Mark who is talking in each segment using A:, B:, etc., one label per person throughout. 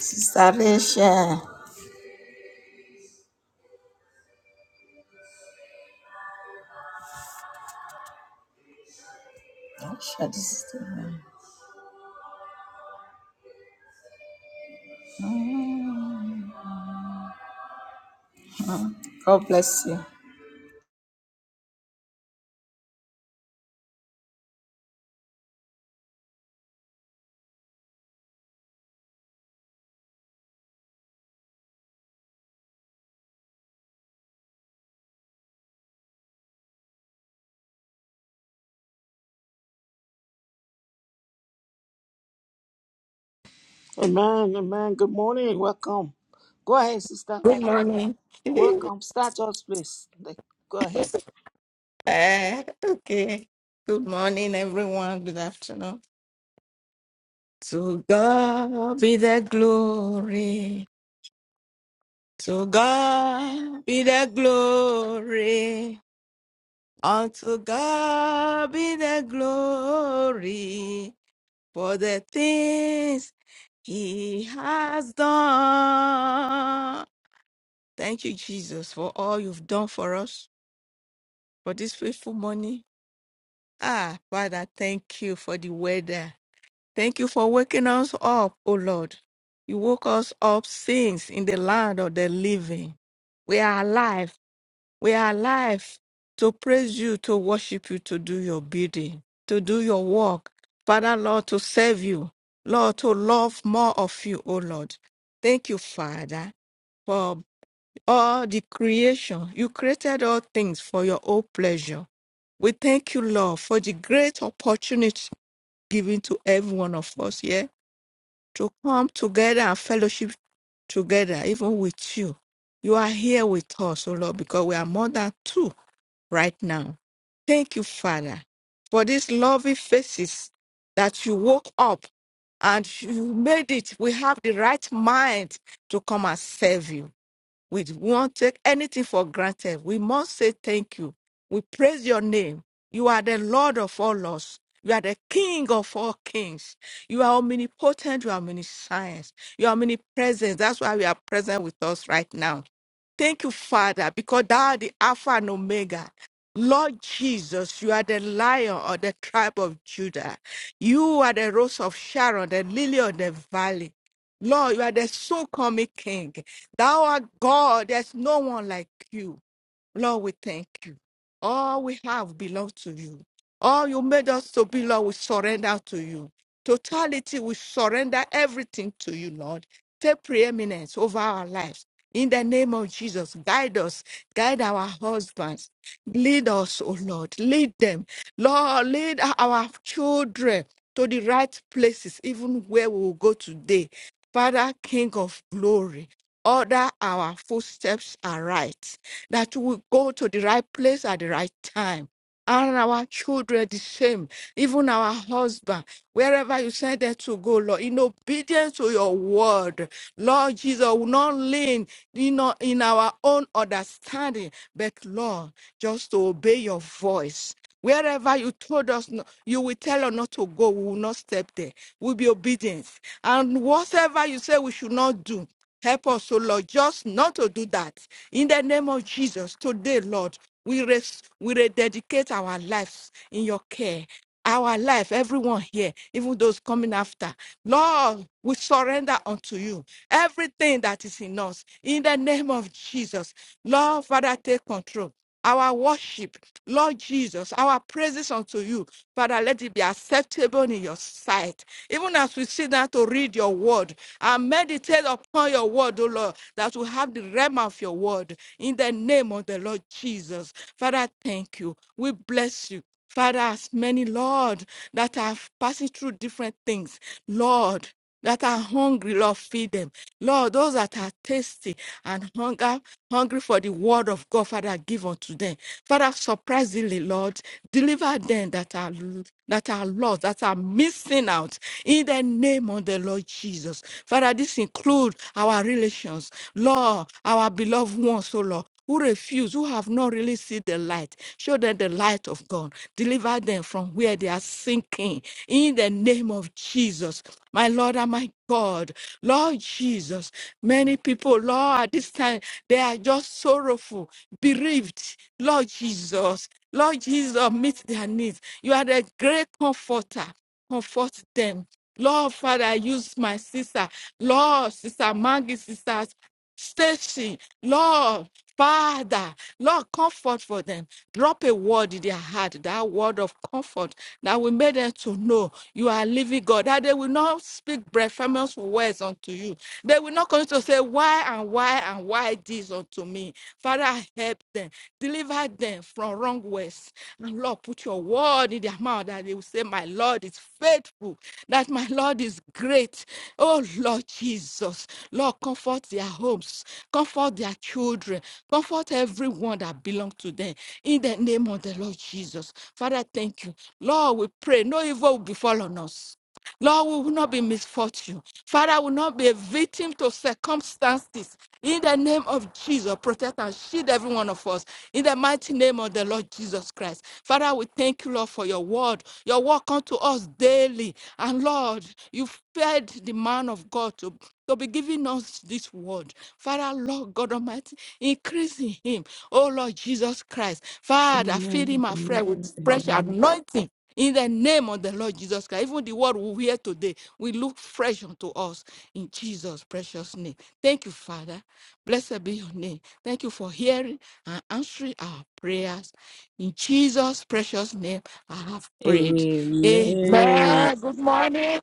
A: Sister Rachel. Rachel, this is the one. God bless you.
B: Amen, amen. Good morning. Welcome. Go ahead, sister.
A: Good morning.
B: Welcome. Start us, please. Like, Go ahead.
A: Eh, okay. Good morning, everyone. Good afternoon. To God be the glory. To God be the glory. Unto God be the glory for the things He has done. Thank you, Jesus, for all you've done for us. for this faithful morning. Ah, Father, thank you for the weather. Thank you for waking us up, O Lord. You woke us up since in the land of the living. We are alive. We are alive to praise you, to worship you, to do your bidding, to do your work. Father, Lord, to serve you. Lord, to love more of you, O Lord. Thank you, Father, for all the creation. You created all things for your own pleasure. We thank you, Lord, for the great opportunity given to every one of us here to come together and fellowship together, even with you. You are here with us, O Lord, because we are more than two right now. Thank you, Father, for these lovely faces that you woke up and you made it. We have the right mind to come and serve you. We won't take anything for granted. We must say thank you. We praise your name. You are the Lord of all lords. You are the King of all kings. You are omnipotent. You are omniscience. You are omnipresent. That's why you are present with us right now. Thank you, Father, because thou art the Alpha and Omega. Lord Jesus, you are the lion of the tribe of Judah. You are the rose of Sharon, the lily of the valley. Lord, you are the so coming King. Thou art God. There's no one like you. Lord, we thank you. All we have belongs to you. All you made us to be, Lord, we surrender to you. Totality, we surrender everything to you, Lord. Take preeminence over our lives. In the name of Jesus, guide us, guide our husbands, lead us, oh Lord, lead them. Lord, lead our children to the right places, even where we will go today. Father, King of glory, order our footsteps aright, that we go to the right place at the right time and our children the same, even our husband, wherever you send them to go, Lord, in obedience to your word, Lord Jesus, will not lean in, our- in our own understanding, but Lord, just to obey your voice. Wherever you told us, no- you will tell us not to go, we will not step there. We'll be obedient. And whatever you say we should not do. Help us, O Lord, just not to do that. In the name of Jesus, today, Lord, we res- we rededicate our lives in your care. Our life, everyone here, even those coming after. Lord, we surrender unto you everything that is in us. In the name of Jesus, Lord, Father, take control our worship, Lord Jesus, our praises unto you. Father, let it be acceptable in your sight. Even as we sit down to read your word and meditate upon your word, O Lord, that we have the realm of your word in the name of the Lord Jesus. Father, thank you. We bless you. Father, as many, Lord, that are passing through different things, Lord that are hungry, Lord, feed them. Lord, those that are thirsty and hunger, hungry for the word of God, Father, give unto them. Father, surprisingly, Lord, deliver them that are that are lost, that are missing out in the name of the Lord Jesus. Father, this includes our relations, Lord, our beloved ones, oh Lord who refuse, who have not really seen the light, show them the light of God. Deliver them from where they are sinking. In the name of Jesus, my Lord and my God, Lord Jesus, many people, Lord, at this time, they are just sorrowful, bereaved. Lord Jesus, Lord Jesus, meet their needs. You are the great comforter. Comfort them. Lord, Father, use my sister. Lord, Sister Maggie, sister station. Lord, Father, Lord, comfort for them. Drop a word in their heart, that word of comfort that will make them to know you are living God, that they will not speak blasphemous words unto you. They will not come to say, Why and why and why this unto me. Father, help them, deliver them from wrong strong words. And Lord, put your word in their mouth that they will say, My Lord is faithful, that my Lord is great. Oh Lord Jesus, Lord, comfort their homes, comfort their children, comfort everyone that belongs to them. In the name of the Lord Jesus. Father, thank you. Lord, we pray, no evil will befall on us. Lord, we will not be misfortune. Father, we will not be a victim to circumstances. In the name of Jesus, protect and shield every one of us. In the mighty name of the Lord Jesus Christ. Father, we thank you, Lord, for your word. Your word comes to us daily. And Lord, you fed the man of God to, to be giving us this word. Father, Lord God Almighty, increase in him. Oh Lord Jesus Christ. Father, feed
B: Amen.
A: him afresh with fresh
B: Amen.
A: anointing in the name of the Lord Jesus Christ, even the word we hear today will look fresh unto us in Jesus' precious name. Thank you, Father. Blessed be your name. Thank you for hearing and answering our prayers. In Jesus' precious name, I have prayed.
B: Amen. Amen.
A: Amen. Good morning.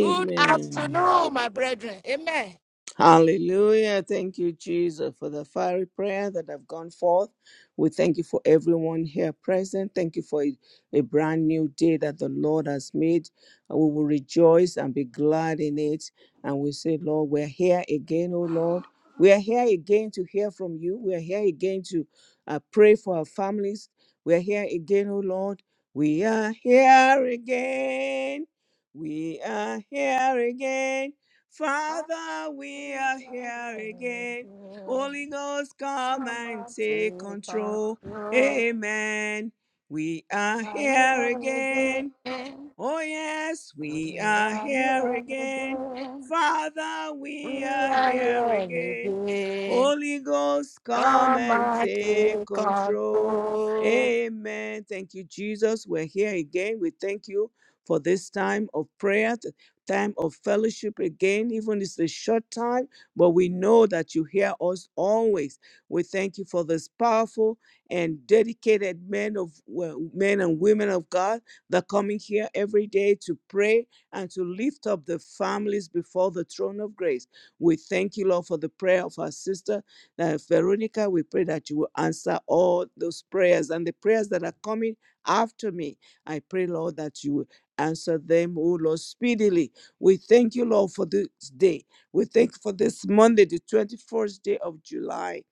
A: Good afternoon, my brethren. Amen.
B: Hallelujah. Thank you, Jesus, for the fiery prayer that have gone forth. We thank you for everyone here present. Thank you for a, a brand new day that the Lord has made. And we will rejoice and be glad in it. And we say, Lord, we're here again, oh Lord. We are here again to hear from you. We are here again to uh, pray for our families. We are here again, oh Lord. We are here again. We are here again Father, we are here again. Holy Ghost, come
A: Come
B: and
A: and
B: take
A: take
B: control.
A: control.
B: Amen. We are
A: I
B: here
A: am
B: again.
A: ready.
B: Oh, yes, we
A: We
B: are
A: are
B: here
A: here
B: again.
A: again.
B: Father,
A: We
B: we are
A: are
B: here
A: here
B: again.
A: again.
B: Holy Ghost, come
A: Come
B: and
A: and
B: take
A: take
B: control.
A: control.
B: Amen. Thank you, Jesus. We're here again. We thank you for this time of prayer, th- time of fellowship again. Even it's a short time, but we know that you hear us always. We thank you for this powerful and dedicated men of well, men and women of God they're coming here every day to pray and to lift up the families before the throne of grace. We thank you, Lord, for the prayer of our sister uh, Veronica. We pray that you will answer all those prayers and the prayers that are coming after me. I pray, Lord, that you will answer them, oh Lord, speedily. We thank you, Lord, for this day. We thank you for this Monday, the 21st day of July.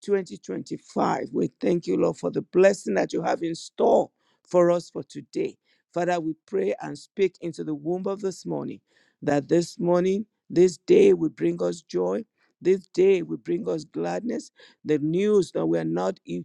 B: 2025. We thank you, Lord, for the blessing that you have in store for us for today. Father, we pray and speak into the womb of this morning that this morning, this day will bring us joy. This day will bring us gladness. The news that we are not e-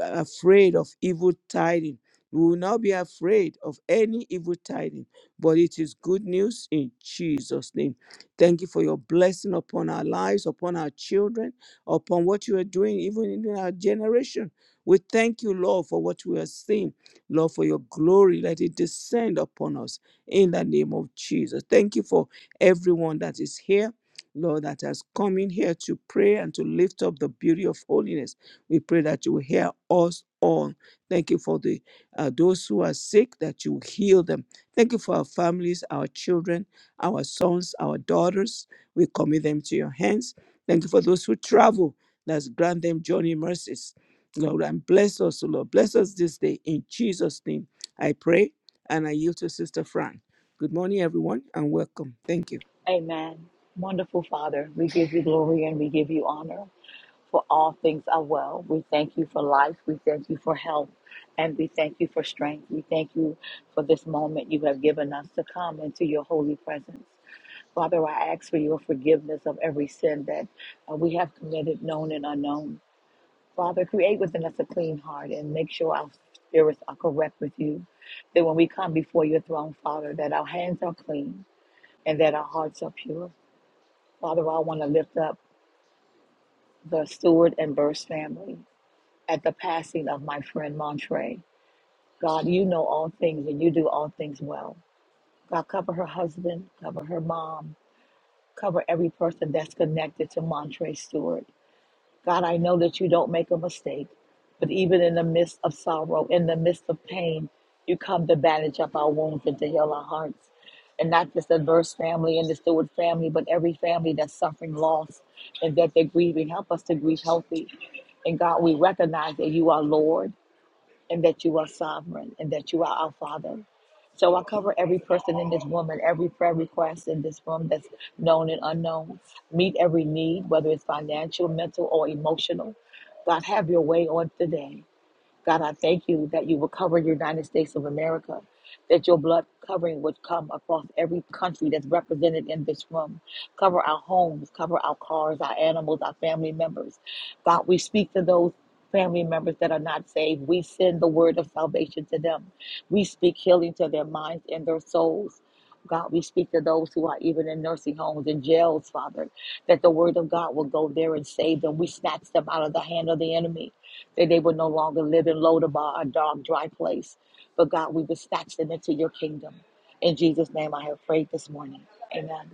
B: afraid of evil tidings. We will not be afraid of any evil tidings, but it is good news in Jesus' name. Thank you for your blessing upon our lives, upon our children upon what you are doing, even in our generation. We thank you, Lord, for what we are seeing. Lord, for your glory, let it descend upon us in the name of Jesus. Thank you for everyone that is here. Lord, that has come in here to pray and to lift up the beauty of holiness. We pray that you will hear us all. Thank you for the uh, those who are sick, that you will heal them. Thank you for our families, our children, our sons, our daughters. We commit them to your hands Thank you for those who travel. Let's grant them journey mercies. Lord, and bless us, O Lord. Bless us this day in Jesus' name. I pray and I yield to Sister Fran. Good morning, everyone, and welcome. Thank you.
C: Amen. Wonderful Father, we give you glory and we give you honor for all things are well. We thank you for life. We thank you for health. And we thank you for strength. We thank you for this moment you have given us to come into your holy presence. Father, I ask for your forgiveness of every sin that uh, we have committed, known and unknown. Father, create within us a clean heart and make sure our spirits are correct with you. That when we come before your throne, Father, that our hands are clean and that our hearts are pure. Father, I want to lift up the Stewart and Burst family at the passing of my friend Montre. God, you know all things and you do all things well. God, cover her husband, cover her mom, cover every person that's connected to Montre Stewart. God, I know that you don't make a mistake, but even in the midst of sorrow, in the midst of pain, you come to bandage up our wounds and to heal our hearts. And not just the Verse family and the Stewart family, but every family that's suffering loss and that they're grieving. Help us to grieve healthy. And God, we recognize that you are Lord and that you are sovereign and that you are our Father. So I cover every person in this room and every prayer request in this room that's known and unknown. Meet every need, whether it's financial, mental, or emotional. God, have your way on today. God, I thank you that you will cover your United States of America, that your blood covering would come across every country that's represented in this room. Cover our homes, cover our cars, our animals, our family members. God, we speak to those family members that are not saved. We send the word of salvation to them. We speak healing to their minds and their souls. God, we speak to those who are even in nursing homes and jails, Father, that the word of God will go there and save them. We snatch them out of the hand of the enemy that they would no longer live in Lodabar, a dark, dry place. But God, we would snatch them into your kingdom. In Jesus' name, I have prayed this morning. Amen.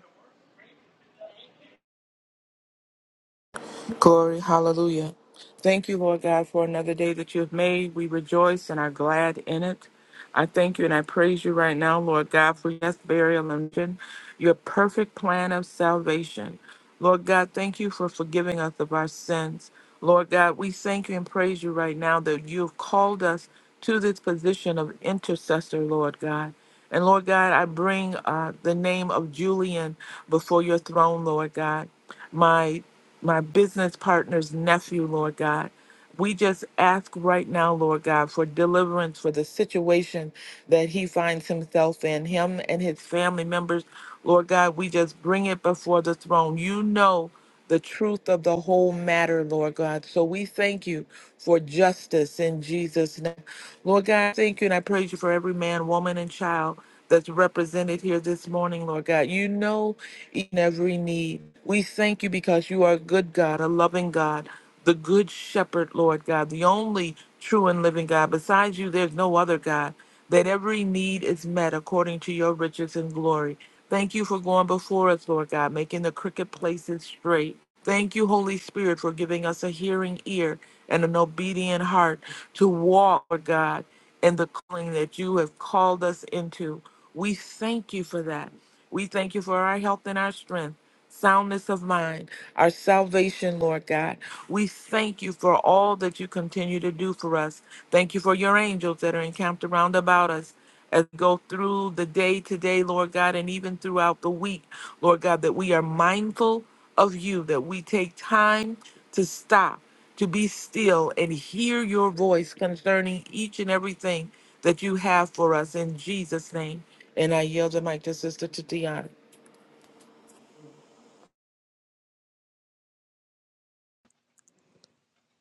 D: Glory, hallelujah. Thank you, Lord God, for another day that you have made. We rejoice and are glad in it. I thank you and I praise you right now, Lord God, for yes, burial and vision, your perfect plan of salvation. Lord God, thank you for forgiving us of our sins. Lord God, we thank you and praise you right now that you have called us to this position of intercessor, Lord God. And Lord God, I bring uh, the name of Julian before your throne, Lord God my my business partner's nephew, Lord God. We just ask right now, Lord God, for deliverance for the situation that he finds himself in, him and his family members. Lord God, we just bring it before the throne. You know the truth of the whole matter, Lord God. So we thank you for justice in Jesus' name. Lord God, thank you and I praise you for every man, woman, and child that's represented here this morning, Lord God. You know each and every need. We thank you because you are a good God, a loving God, the good shepherd, Lord God, the only true and living God. Besides you, there's no other God. That every need is met according to your riches and glory. Thank you for going before us, Lord God, making the crooked places straight. Thank you, Holy Spirit, for giving us a hearing ear and an obedient heart to walk, Lord God, in the calling that you have called us into. We thank you for that. We thank you for our health and our strength, soundness of mind, our salvation, Lord God. We thank you for all that you continue to do for us. Thank you for your angels that are encamped around about us as we go through the day today, Lord God, and even throughout the week, Lord God, that we are mindful of you, that we take time to stop, to be still and hear your voice concerning each and everything that you have for us in Jesus' name. And I yield the mic to Sister Tatiana.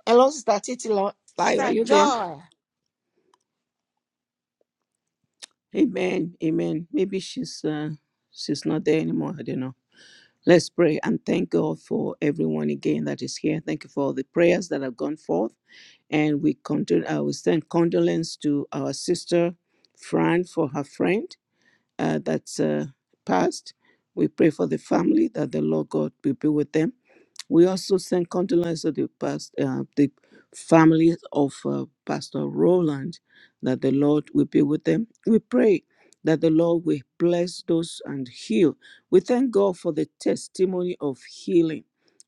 B: Hello, Sister Titilayo. Are
A: Sister
B: you there?
A: Joy.
B: Amen. Amen. Maybe she's uh, she's not there anymore. I don't know. Let's pray and thank God for everyone again that is here. Thank you for all the prayers that have gone forth. And we condol- I will send condolence to our sister Fran for her friend. uh, that's uh, passed. We pray for the family that the Lord God will be with them. We also send condolence to the past, uh, the families of uh, Pastor Roland, that the Lord will be with them. We pray that the Lord will bless those and heal. We thank God for the testimony of healing,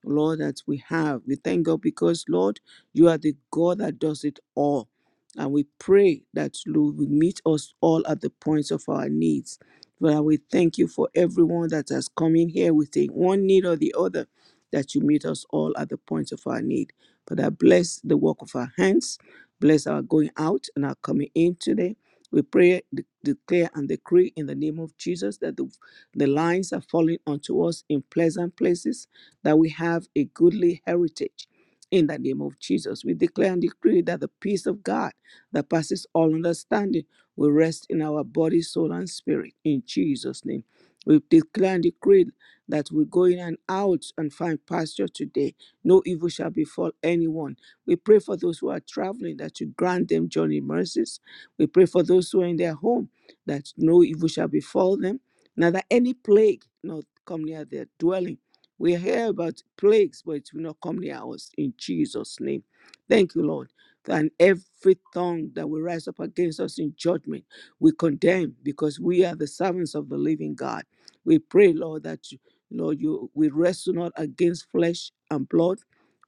B: Lord, that we have. We thank God because, Lord, you are the God that does it all. And we pray that, Lord, we meet us all at the points of our needs Father, we thank you for everyone that has come in here with a one need or the other, that you meet us all at the point of our need. Father, bless the work of our hands, bless our going out and our coming in today. We pray, de- declare, and decree in the name of Jesus that the, the lines are falling onto us in pleasant places, that we have a goodly heritage. In the name of Jesus, we declare and decree that the peace of God that passes all understanding we rest in our body, soul, and spirit in Jesus' name. We declare and decree that we go in and out and find pasture today. No evil shall befall anyone. We pray for those who are traveling that you grant them journey mercies. We pray for those who are in their home that no evil shall befall them. Now that any plague not come near their dwelling. We hear about plagues, but it will not come near us in Jesus' name. Thank you, Lord and every tongue that will rise up against us in judgment, we condemn because we are the servants of the living God. We pray, Lord, that you, Lord, you we wrestle not against flesh and blood,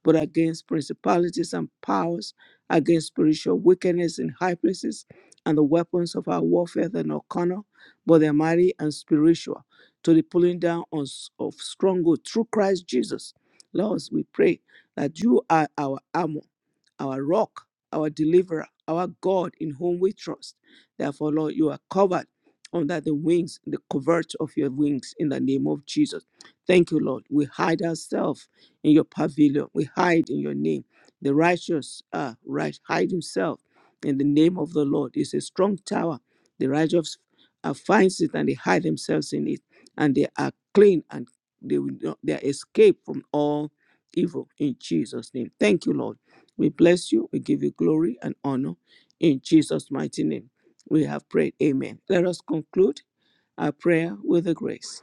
B: but against principalities and powers, against spiritual wickedness in high places, and the weapons of our warfare that are not carnal, but they're mighty and spiritual, to the pulling down on, s- of stronghold through Christ Jesus. Lord, we pray that you are our armor our rock, our deliverer, our God in whom we trust. Therefore, Lord, you are covered under the wings, the covert of your wings in the name of Jesus. Thank you, Lord. We hide ourselves in your pavilion. We hide in your name. The righteous uh, right hide himself in the name of the Lord. It's a strong tower. The righteous uh, finds it and they hide themselves in it, and they are clean and they will not, they are escaped from all evil in Jesus' name. Thank you, Lord. We bless you. We give you glory and honor. In Jesus' mighty name, we have prayed. Amen. Let us conclude our prayer with the grace.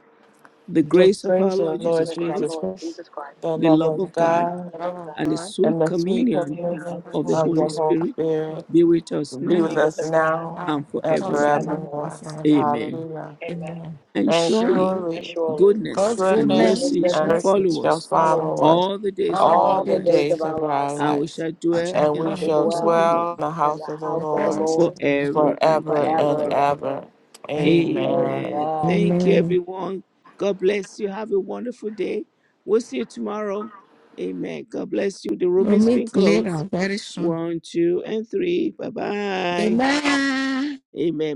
B: The
D: The
B: grace of our
D: praise of
B: Lord
D: the Lord
B: Jesus
C: With our
D: Jesus
B: Christ,
C: Lord
D: Christ,
C: Jesus Christ
D: the
B: the
D: love
B: love
D: of
B: of God,
D: God,
C: and the
A: Lord
C: love of
A: of
C: God,
B: and the
A: God,
D: and
B: sweet
D: the sweet
C: sweet
B: communion
C: communion
A: let's
C: of
D: communion
C: the
B: of the
A: worship
C: Holy
D: of
B: Holy
D: the
C: Spirit,
D: Holy
B: Spirit
A: Holy
D: Spirit
B: be
A: Spirit.
B: with us
D: be with
C: be
B: now
C: with
D: us
C: us
A: Let's remember
C: now
D: now
A: and
B: and
D: and
C: and
A: trust in
B: forevermore.
A: man the
C: forevermore.
D: forevermore.
A: forever.
B: Amen.
D: Hallelujah.
C: Amen.
A: Amen.
B: And
D: And
B: surely
A: Surely
C: And
D: surely
C: surely,
B: goodness
A: God's
B: and
D: goodness
A: goodness
C: goodness
B: mercy
D: and
A: and
C: and
B: shall
A: mercy
D: mercy
C: mercy
B: follow
A: shall
D: shall
C: shall
B: us
A: follow
C: follow us
D: follow
A: us
D: us
B: all the days
A: all
B: of
A: the
B: our
D: all
C: all the
D: the
A: days
B: lives,
C: days of
D: days
A: of our
C: our
D: of
C: lives,
D: our
A: lives
B: and we
D: lives,
B: shall
A: and
B: dwell
A: shall
D: and
B: in
C: and we
A: dwell
B: the
D: we
C: shall
A: in
D: shall
B: house of the
C: dwell
B: Lord
D: dwell in the
C: in the
D: house of the
A: the
C: house of the
D: Lord
A: presence of
C: Lord
A: the Lord.
B: forever and
D: forever and
C: forever and
B: ever.
C: ever.
D: ever.
A: Amen.
D: Amen.
B: Amen.
C: Amen.
B: Thank you,
A: Amen.
B: everyone. God bless you. Have a wonderful day. We'll see you tomorrow. Amen. God bless you. The room
A: We'll
B: is being
A: meet later
B: closed.
A: very soon.
B: One, two, and three. Bye bye.
A: Amen.
B: Amen.